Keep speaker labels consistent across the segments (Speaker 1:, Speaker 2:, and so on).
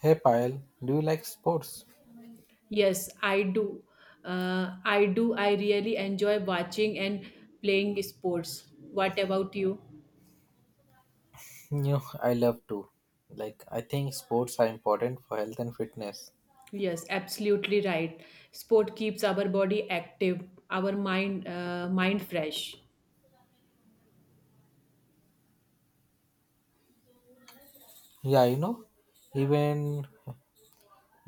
Speaker 1: Hey Payal, do you like sports?
Speaker 2: Yes, I do. I really enjoy watching and playing sports. What about you?
Speaker 1: No, I love to. Like, I think sports are important for health and fitness.
Speaker 2: Yes, absolutely right. Sport keeps our body active, our mind mind fresh.
Speaker 1: Yeah, even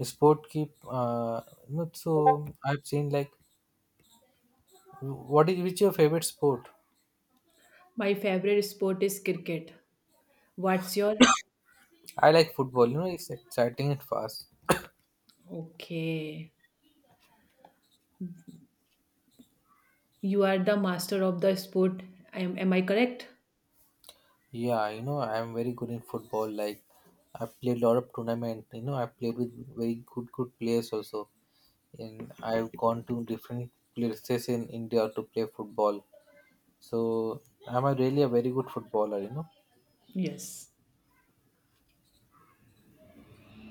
Speaker 1: sport keep. Not so I've seen like, what is which your favorite sport?
Speaker 2: My favorite sport is cricket. What's your?
Speaker 1: I like football. It's exciting and fast.
Speaker 2: Okay. You are the master of the sport. Am I correct?
Speaker 1: Yeah, I'm very good in football. Like, I played a lot of tournament. I played with very good players also, and I've gone to different places in India to play football. So am I really a very good footballer? You know,
Speaker 2: Yes.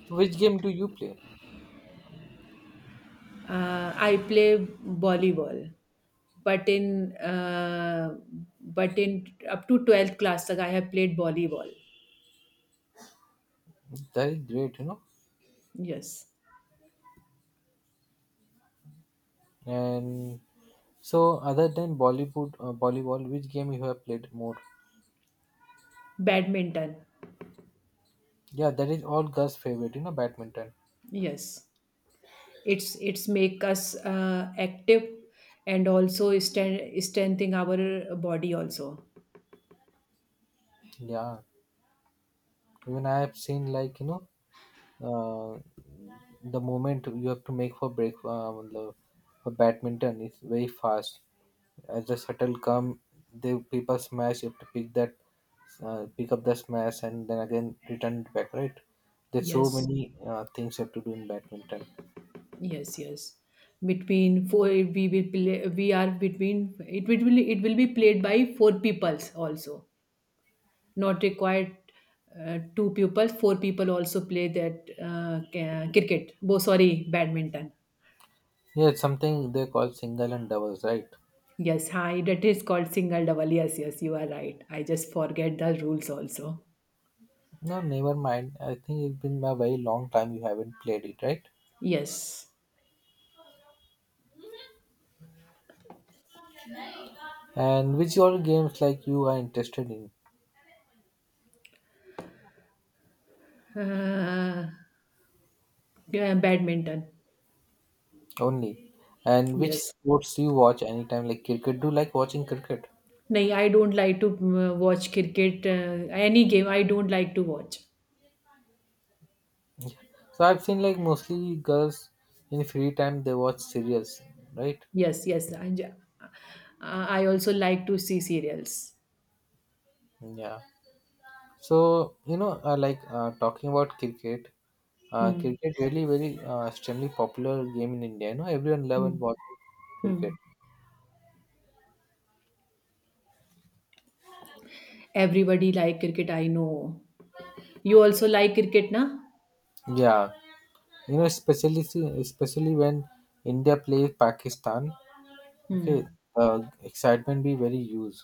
Speaker 1: So, which game do you play?
Speaker 2: I play volleyball. but in uh, but in up to 12th class तक I have played volleyball.
Speaker 1: That is great. You know,
Speaker 2: Yes.
Speaker 1: and so other than Bollywood, volleyball, which game you have played more?
Speaker 2: Badminton.
Speaker 1: Yeah, that is all Gus' favorite. Badminton.
Speaker 2: Yes. It's make us active and also strengthening our body also.
Speaker 1: Yeah. Even I have seen like uh, the moment you have to make for break मतलब for badminton it's very fast. As the shuttle come, the people smash. You have to pick that, pick up the smash, and then again return it back. Right? There's so
Speaker 2: Yes.
Speaker 1: many things you have to do in badminton.
Speaker 2: Yes, yes. Between four, we will play, we are between it will be played by four peoples also. Not required two pupils, four people also play that cricket, oh sorry, badminton.
Speaker 1: Yeah, it's something they call single and doubles, right?
Speaker 2: Yes, hi, that is called single double. Yes, yes, you are right. I just forget the rules also.
Speaker 1: No, never mind. I think it's been a very long time you haven't played it, right?
Speaker 2: Yes.
Speaker 1: And which all games like you are interested in?
Speaker 2: uh, yeah, badminton.
Speaker 1: Only. And which
Speaker 2: Yes.
Speaker 1: sports do you watch anytime? Like cricket? Do you like watching cricket?
Speaker 2: No, I don't like to watch cricket. Any game I don't like to watch.
Speaker 1: So I've seen like mostly girls in free time they watch serials, right?
Speaker 2: yes yes i, j- uh, I also like to see serials.
Speaker 1: Yeah. So like talking about cricket, uh,
Speaker 2: Hmm.
Speaker 1: cricket really very extremely popular game in India. Everyone love
Speaker 2: Hmm.
Speaker 1: and watch
Speaker 2: Hmm.
Speaker 1: cricket.
Speaker 2: Everybody like cricket, I know. You also like cricket, na?
Speaker 1: Yeah. You know, especially especially when India plays Pakistan.
Speaker 2: Hmm.
Speaker 1: Okay, excitement be very huge.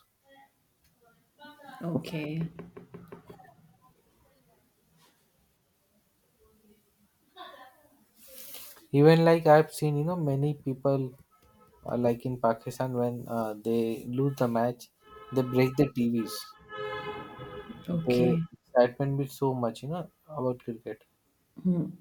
Speaker 2: Okay.
Speaker 1: Even like I've seen, many people like in Pakistan when they lose the match, they break the TVs. The
Speaker 2: Okay.
Speaker 1: excitement be so much, about cricket.
Speaker 2: Hmm.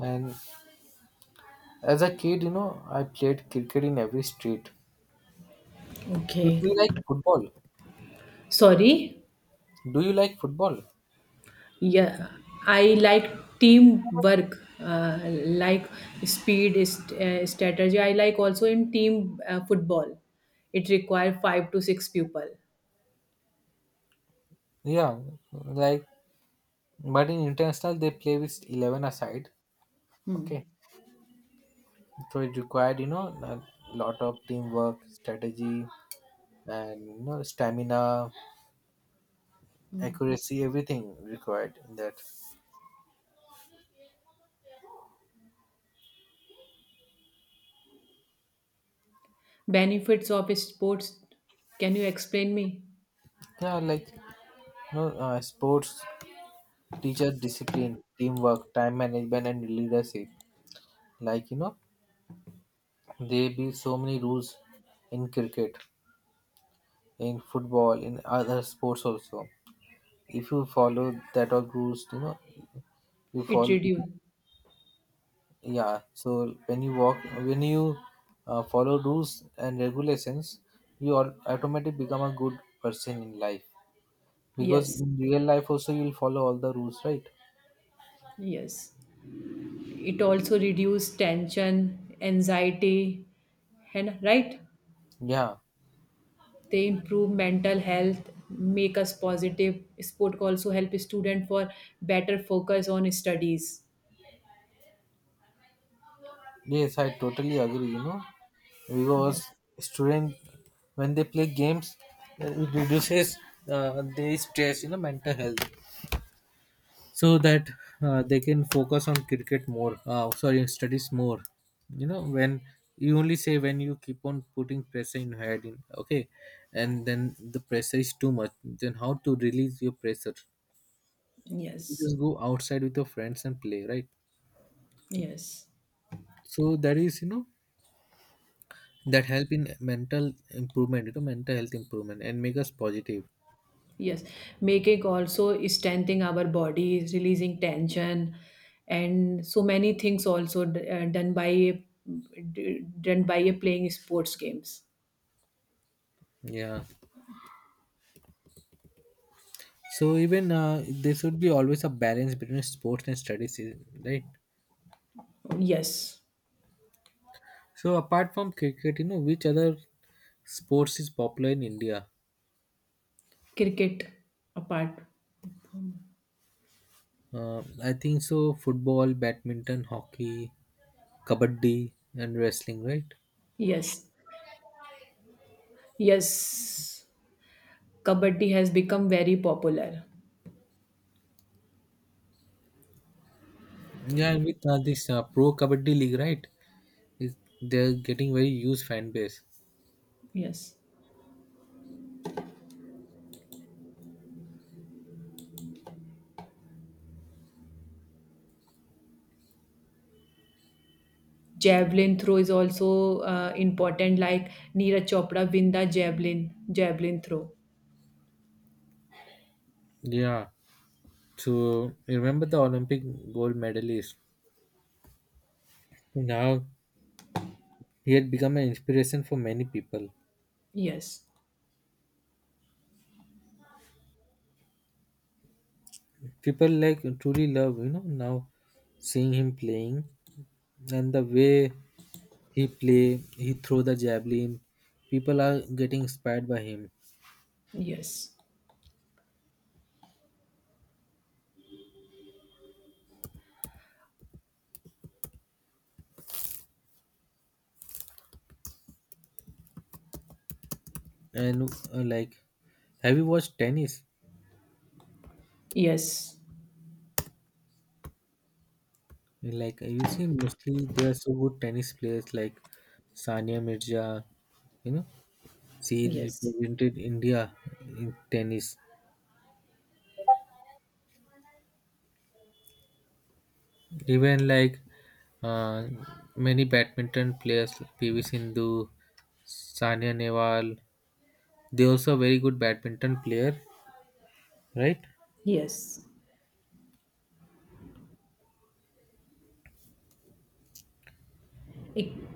Speaker 1: And as a kid, I played cricket in every street. So do
Speaker 2: Okay.
Speaker 1: you like football?
Speaker 2: Sorry.
Speaker 1: Do you like football?
Speaker 2: Yeah. I like teamwork. Like strategy. I like also in team football. It requires five to six people.
Speaker 1: Yeah, like but in international they play with 11 aside. Okay,
Speaker 2: Hmm.
Speaker 1: so it required a lot of teamwork, strategy, and stamina accuracy, everything required in that.
Speaker 2: Benefits of sports. Can you explain me?
Speaker 1: Yeah, like sports teaches discipline, teamwork, time management, and leadership. Like there be so many rules in cricket, in football, in other sports also. If you follow that all rules, you
Speaker 2: It
Speaker 1: follow.
Speaker 2: reduce.
Speaker 1: Yeah, so when you follow rules and regulations, you all automatically become a good person in life. Because
Speaker 2: Yes.
Speaker 1: in real life also you'll follow all the rules, right?
Speaker 2: Yes. It also reduce tension, anxiety, and right?
Speaker 1: Yeah.
Speaker 2: They improve mental health, make us positive. Sport also help student for better focus on studies.
Speaker 1: Yes, I totally agree. Because
Speaker 2: Yes,
Speaker 1: student when they play games, it reduces their stress, mental health. So that they can focus on cricket more, sorry, studies more. When you only say when you keep on putting pressure in your head, in, okay, and then the pressure is too much, then how to release your pressure? You
Speaker 2: yes,
Speaker 1: just go outside with your friends and play, right?
Speaker 2: yes,
Speaker 1: So that is that help in mental improvement, mental health improvement and make us positive.
Speaker 2: yes. Making also strengthening our body, releasing tension, and so many things also done by a playing sports games.
Speaker 1: Yeah, so even there should be always a balance between sports and studies, right?
Speaker 2: Yes,
Speaker 1: So apart from cricket, which other sports is popular in India?
Speaker 2: cricket apart.
Speaker 1: I think so football, badminton, hockey, kabaddi and wrestling, right?
Speaker 2: Yes, yes. Kabaddi has become very popular.
Speaker 1: Yeah, and with this pro kabaddi league, right? is They're getting very huge fan base.
Speaker 2: Yes. Javelin throw is also important, like Neeraj Chopra win the javelin throw.
Speaker 1: Yeah. So remember the Olympic gold medalist. Now he had become an inspiration for many people.
Speaker 2: Yes.
Speaker 1: People like truly love, now seeing him playing and the way he play, he throw the javelin. People are getting inspired by him.
Speaker 2: Yes.
Speaker 1: And like, have you watched tennis?
Speaker 2: Yes.
Speaker 1: Like you see, mostly there are so good tennis players like Sania Mirza. You know, she
Speaker 2: Yes.
Speaker 1: represented India in tennis. Even like uh, many badminton players, PV Sindhu, Sania Nehwal, they also very good badminton player, right?
Speaker 2: Yes. It-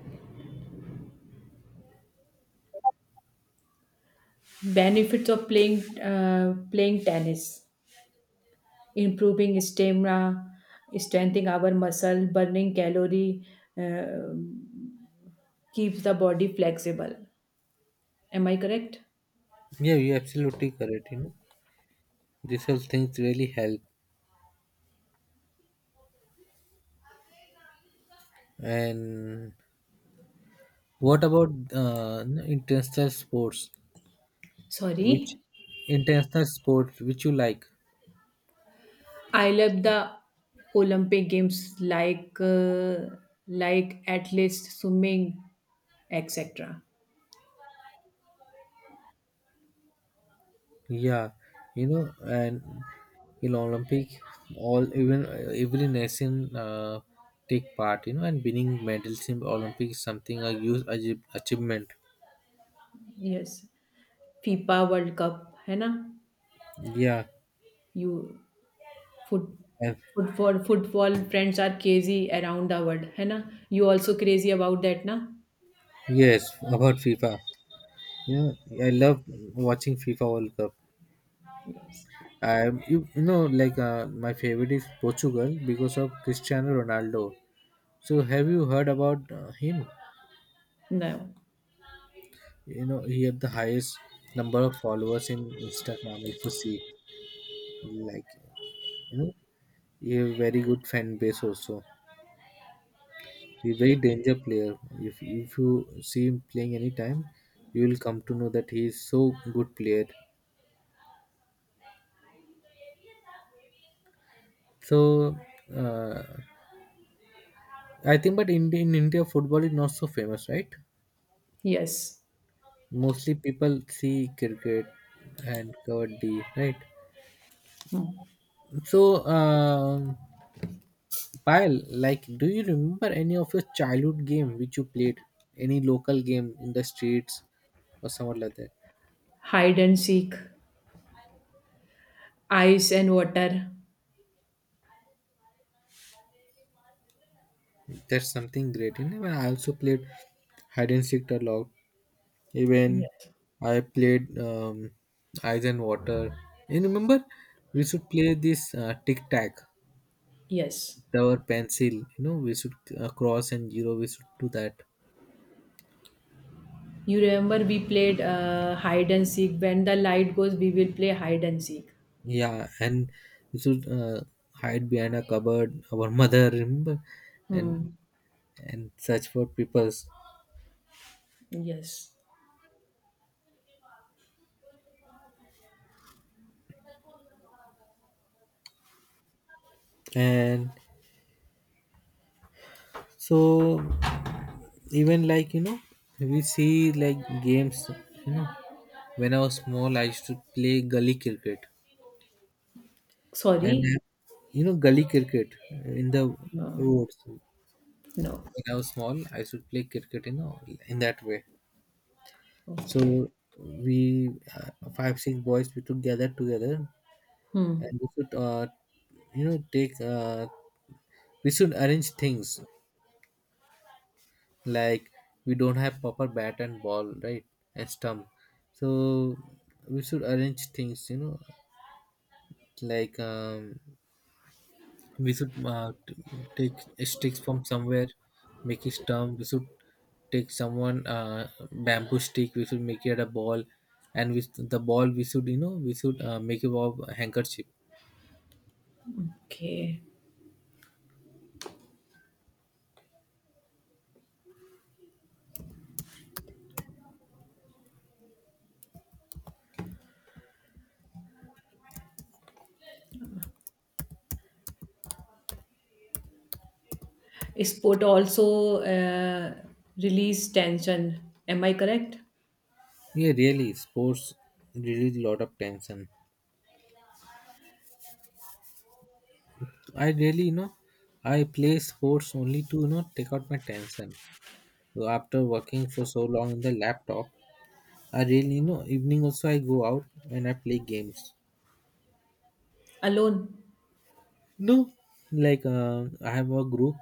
Speaker 2: benefits of playing playing tennis, improving stamina, strengthening our muscle, burning calorie, uh, keeps the body flexible. Am I correct?
Speaker 1: Yeah, you absolutely correct. These all things really help. And what about international sports? Which
Speaker 2: Sorry.
Speaker 1: international sport which you like?
Speaker 2: I love the Olympic Games, like at least swimming, etc.
Speaker 1: Yeah, and in Olympic, all even every nation take part. And winning medals in Olympic is something a huge achievement.
Speaker 2: Yes, FIFA World Cup, है ना?
Speaker 1: Yeah,
Speaker 2: You foot
Speaker 1: and
Speaker 2: Football friends are crazy around the world, है ना? You also crazy about that, na?
Speaker 1: yes, about FIFA. I love watching FIFA World Cup.
Speaker 2: Yes.
Speaker 1: I you, you know like my favorite is Portugal because of Cristiano Ronaldo. So have you heard about him?
Speaker 2: No.
Speaker 1: You know he had the highest number of followers in Instagram. If you see, like you know a very good fan base also. He very danger player if you see him playing any time, you will come to know that he is so good player. So uh, i think, but in India football is not so famous, right?
Speaker 2: Yes.
Speaker 1: Mostly people see cricket and kabaddi, right? So Payal, like do you remember any of your childhood game which you played, any local game in the streets or somewhat like that?
Speaker 2: Hide and seek, ice and water.
Speaker 1: That's something great. When I also played hide and seek a lot. Even
Speaker 2: Yes.
Speaker 1: I played Ice and Water. You remember we should play this tic tac,
Speaker 2: Yes.
Speaker 1: our pencil. We should cross and zero. We should do that.
Speaker 2: You remember we played hide and seek. When the light goes, we will play hide and seek.
Speaker 1: Yeah, and we should hide behind a cupboard. Our mother remember, and
Speaker 2: Hmm.
Speaker 1: and search for peoples.
Speaker 2: Yes.
Speaker 1: And so even like we see like games. You know when i was small I used to play gully cricket and
Speaker 2: Sorry.
Speaker 1: gully cricket in the
Speaker 2: No.
Speaker 1: roads. When
Speaker 2: No.
Speaker 1: I was small I used to play cricket, in that way.
Speaker 2: Okay.
Speaker 1: So we five six boys we took gather together, and
Speaker 2: Hmm.
Speaker 1: we should take, we should arrange things, like we don't have proper bat and ball, right? And stump. So we should arrange things, like, we should take sticks from somewhere, make a stump. We should take someone bamboo stick, we should make it a ball, and with the ball we should, we should make it of handkerchief.
Speaker 2: Okay. Sport also release tension. Am I correct?
Speaker 1: Yeah, really sports release a lot of tension. I really, I play sports only to, take out my tension. So after working for so long on the laptop, I really, evening also I go out and I play games.
Speaker 2: Alone.
Speaker 1: No, like I have a group.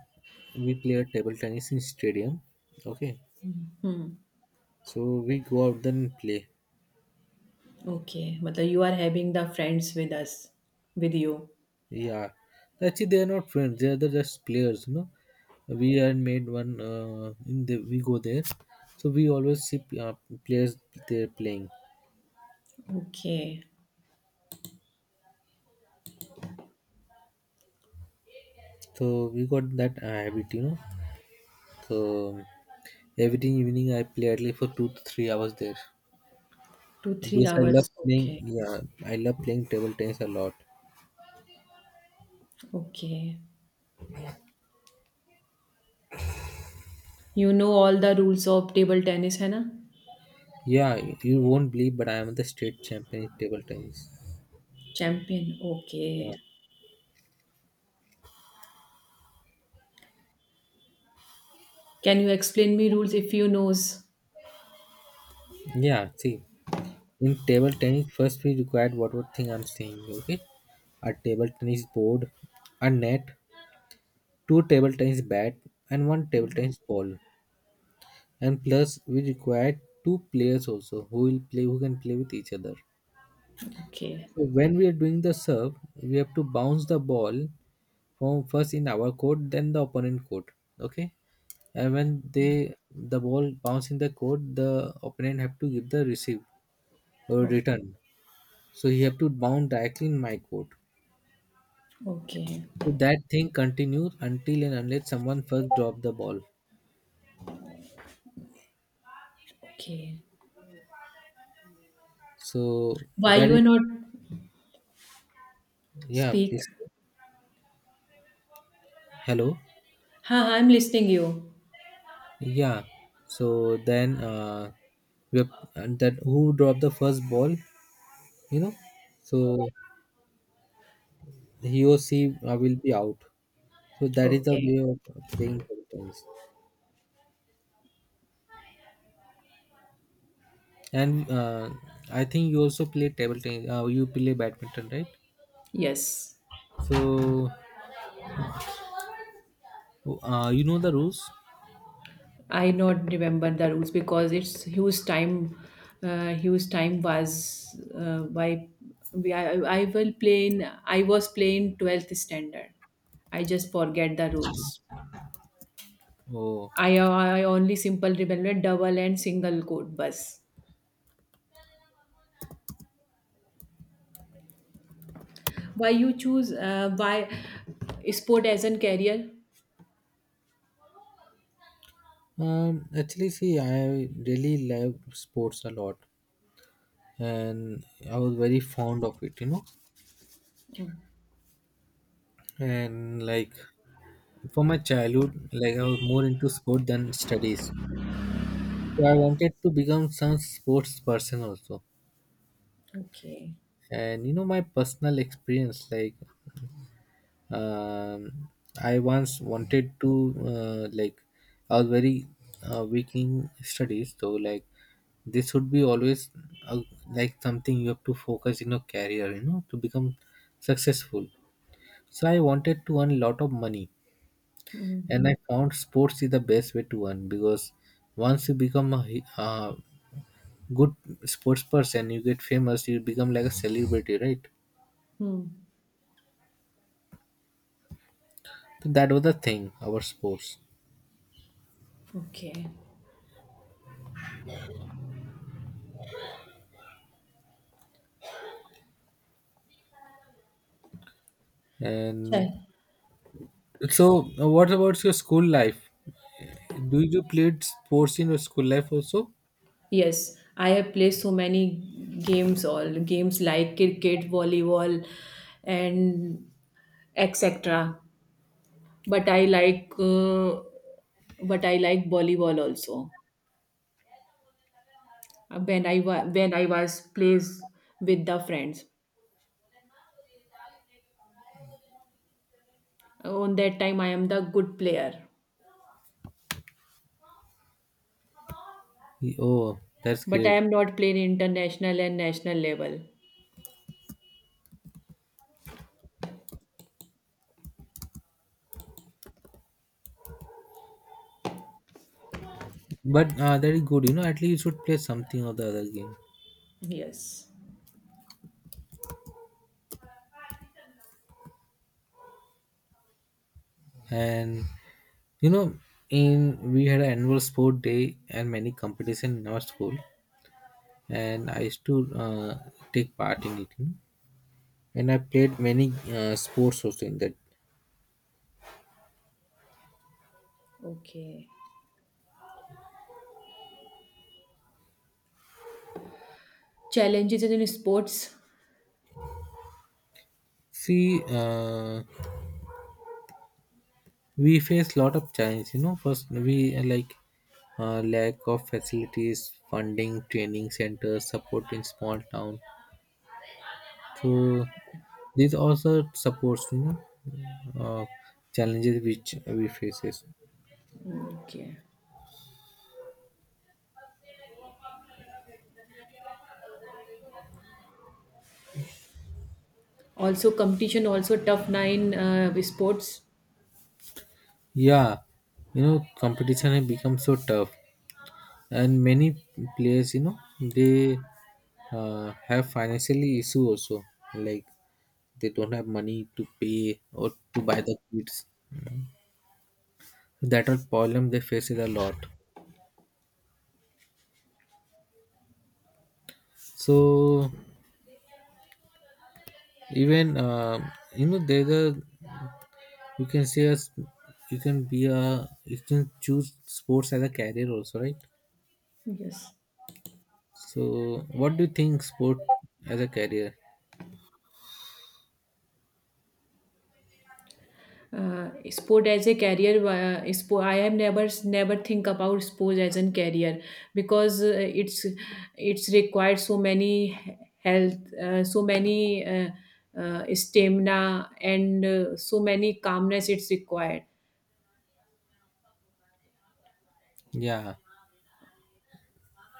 Speaker 1: We play table tennis in stadium. Okay, so we go out then and play.
Speaker 2: Okay. But you are having the friends with us, with you.
Speaker 1: Yeah, actually they are not friends. They are the just players. We are made one. We go there, so we always see players there playing.
Speaker 2: Okay.
Speaker 1: So we got that habit. So every evening I play at least for 2 to 3 hours there
Speaker 2: Two, three
Speaker 1: because I love
Speaker 2: hours.
Speaker 1: playing.
Speaker 2: Okay.
Speaker 1: Yeah, I love playing table tennis a lot.
Speaker 2: Okay. You know all the rules of table tennis, है ना?
Speaker 1: Yeah, you won't believe, but I am the state champion in table tennis.
Speaker 2: Champion.
Speaker 1: Yeah,
Speaker 2: Okay. Can you explain me rules if you knows?
Speaker 1: yeah. See, in table tennis, first we required what thing I'm saying. Okay, a table tennis board, a net, two table tennis bat, and one table tennis ball. And plus, we required two players also who will play, who can play with each other.
Speaker 2: Okay.
Speaker 1: So when we are doing the serve, we have to bounce the ball from first in our court, then the opponent court. Okay, and when the ball bounce in the court, the opponent have to give the receive or
Speaker 2: O-
Speaker 1: return. So he have to bounce directly in my court.
Speaker 2: okay.
Speaker 1: So that thing continues until and unless someone first drop the ball.
Speaker 2: Okay.
Speaker 1: So
Speaker 2: Why
Speaker 1: that
Speaker 2: you
Speaker 1: is,
Speaker 2: are not
Speaker 1: yeah.
Speaker 2: speak?
Speaker 1: Please, hello.
Speaker 2: Ha, I'm listening you.
Speaker 1: Yeah. So then we have, and that who dropped the first ball, you know. So he or she will be out. So that is the
Speaker 2: Okay.
Speaker 1: way of playing table tennis. And I think you also play table tennis. You play badminton, right?
Speaker 2: Yes,
Speaker 1: So you know the rules.
Speaker 2: I not remember the rules because it's huge time. Huge time was why we, I, I will play in. I was playing twelfth standard. I just forget the rules.
Speaker 1: Oh,
Speaker 2: I only simple remember double and single code bus. Why you choose? Why sport as a career?
Speaker 1: actually, see, I really love sports a lot, and I was very fond of it. You know,
Speaker 2: Hmm.
Speaker 1: and like for my childhood, like I was more into sport than studies. So I wanted to become some sports person also.
Speaker 2: Okay.
Speaker 1: And my personal experience, like, um, I once wanted to, like, I was very weak in studies. So like this would be always, uh, like, something you have to focus in your career, to become successful. So I wanted to earn a lot of money,
Speaker 2: Hmm.
Speaker 1: and I found sports is the best way to earn, because once you become a good sports person, you get famous, you become like a celebrity, right?
Speaker 2: Hmm.
Speaker 1: That was the thing, our sports.
Speaker 2: Okay.
Speaker 1: And
Speaker 2: Chal.
Speaker 1: so, what about your school life? Do you played sports in your school life also?
Speaker 2: Yes, I have played so many games, all games like cricket, volleyball, and etc. But I like, uh, but I like volleyball also. When I was plays with the friends, on that time I am the good player.
Speaker 1: Oh, that's
Speaker 2: But I
Speaker 1: great.
Speaker 2: am not playing international and national level.
Speaker 1: But that is good. At least you should play something or the other game.
Speaker 2: Yes.
Speaker 1: And you know, in we had an annual sport day and many competition in our school, and I used to take part in it. And I played many sports also in that.
Speaker 2: Okay. Challenges in sports.
Speaker 1: See, we face lot of challenges. First we, like, lack of facilities, funding, training centers, support in small town. So these also supports, uh, challenges which we faces.
Speaker 2: Okay. Also competition, also tough nine sports.
Speaker 1: Yeah, competition has become so tough, and many players, they have financially issue also, like they don't have money to pay or to buy the kits, that all problem they face it a lot. So even there's a, you can say you can choose sports as a career also, right?
Speaker 2: Yes.
Speaker 1: So what do you think sport as a career?
Speaker 2: Sport as a career, sport, I have never think about sport as a career because it's it's required so many health, so many stamina and so many calmness it's required.
Speaker 1: Yeah,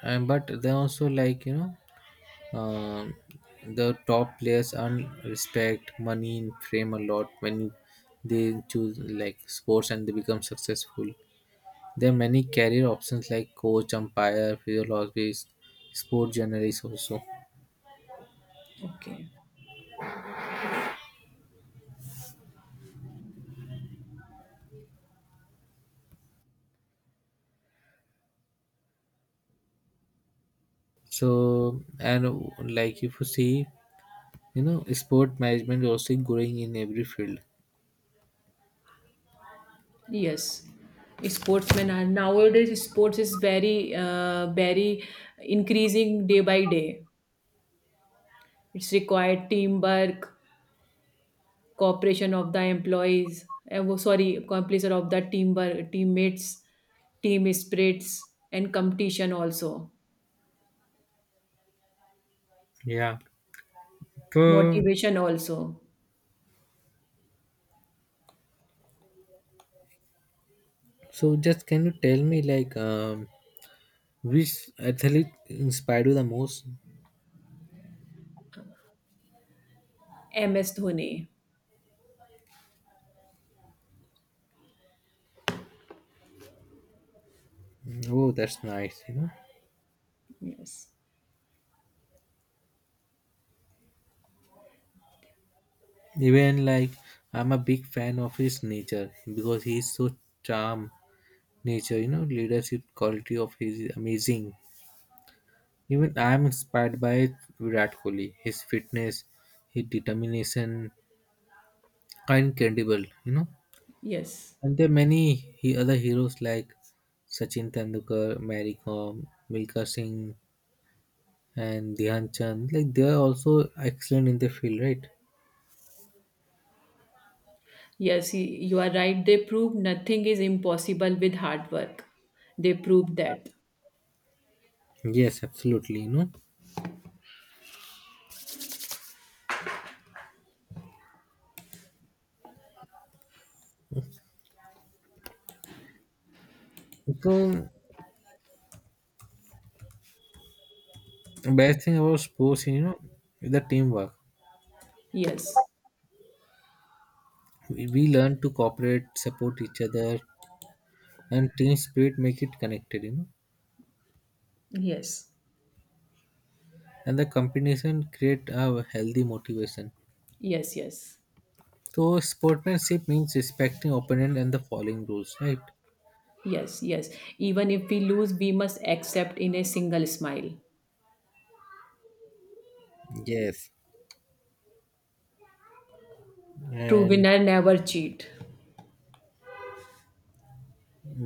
Speaker 1: and but they also like um, the top players earn respect, money and fame a lot when they choose like sports, and they become successful. There are many career options like coach, umpire, physiologist, sport journalist also.
Speaker 2: Okay.
Speaker 1: So and like if you see, sport management is also growing in every field.
Speaker 2: Yes. Sportsmen are nowadays sports is very very increasing day by day. It's required teamwork, cooperation of the employees eh, wo- sorry cooperation of the team, teammates, team spirits and competition also.
Speaker 1: Yeah. So
Speaker 2: Motivation also.
Speaker 1: So just can you tell me like, which athlete inspired you the most?
Speaker 2: MS Dhoni.
Speaker 1: Oh, that's nice. You know,
Speaker 2: Yes,
Speaker 1: even like I'm a big fan of his nature because he's so charm nature. Leadership quality of his is amazing. Even I am inspired by Virat Kohli. His fitness, his determination incredible.
Speaker 2: yes,
Speaker 1: And there are many other heroes like Sachin Tendulkar, Mary Kom, Milka Singh, and Dhyan Chand. Like they are also excellent in their field, right?
Speaker 2: yes y- you are right, they prove nothing is impossible with hard work. They prove that.
Speaker 1: Yes, absolutely. So best thing about sports, is the teamwork.
Speaker 2: Yes,
Speaker 1: We learn to cooperate, support each other, and team spirit make it connected.
Speaker 2: yes,
Speaker 1: And the competition create a healthy motivation.
Speaker 2: yes, yes,
Speaker 1: So sportsmanship means respecting opponent and the following rules, right?
Speaker 2: yes, yes, even if we lose we must accept in a single smile.
Speaker 1: Yes.
Speaker 2: True
Speaker 1: And
Speaker 2: winner never cheat.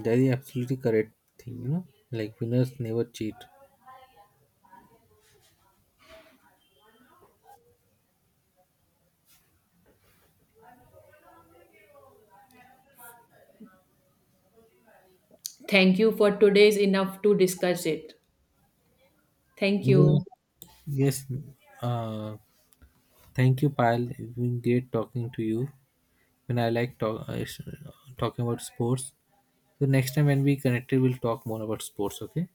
Speaker 1: that is absolutely correct thing. Like winners never cheat.
Speaker 2: Thank you for today's enough to discuss it. Thank
Speaker 1: Yeah.
Speaker 2: you.
Speaker 1: Yes. Uh, thank you, Pal. It's been great talking to you. When I like talking about sports. So next time when we connected, we'll talk more about sports. Okay.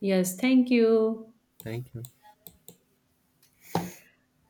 Speaker 2: Yes, thank you.
Speaker 1: Thank you.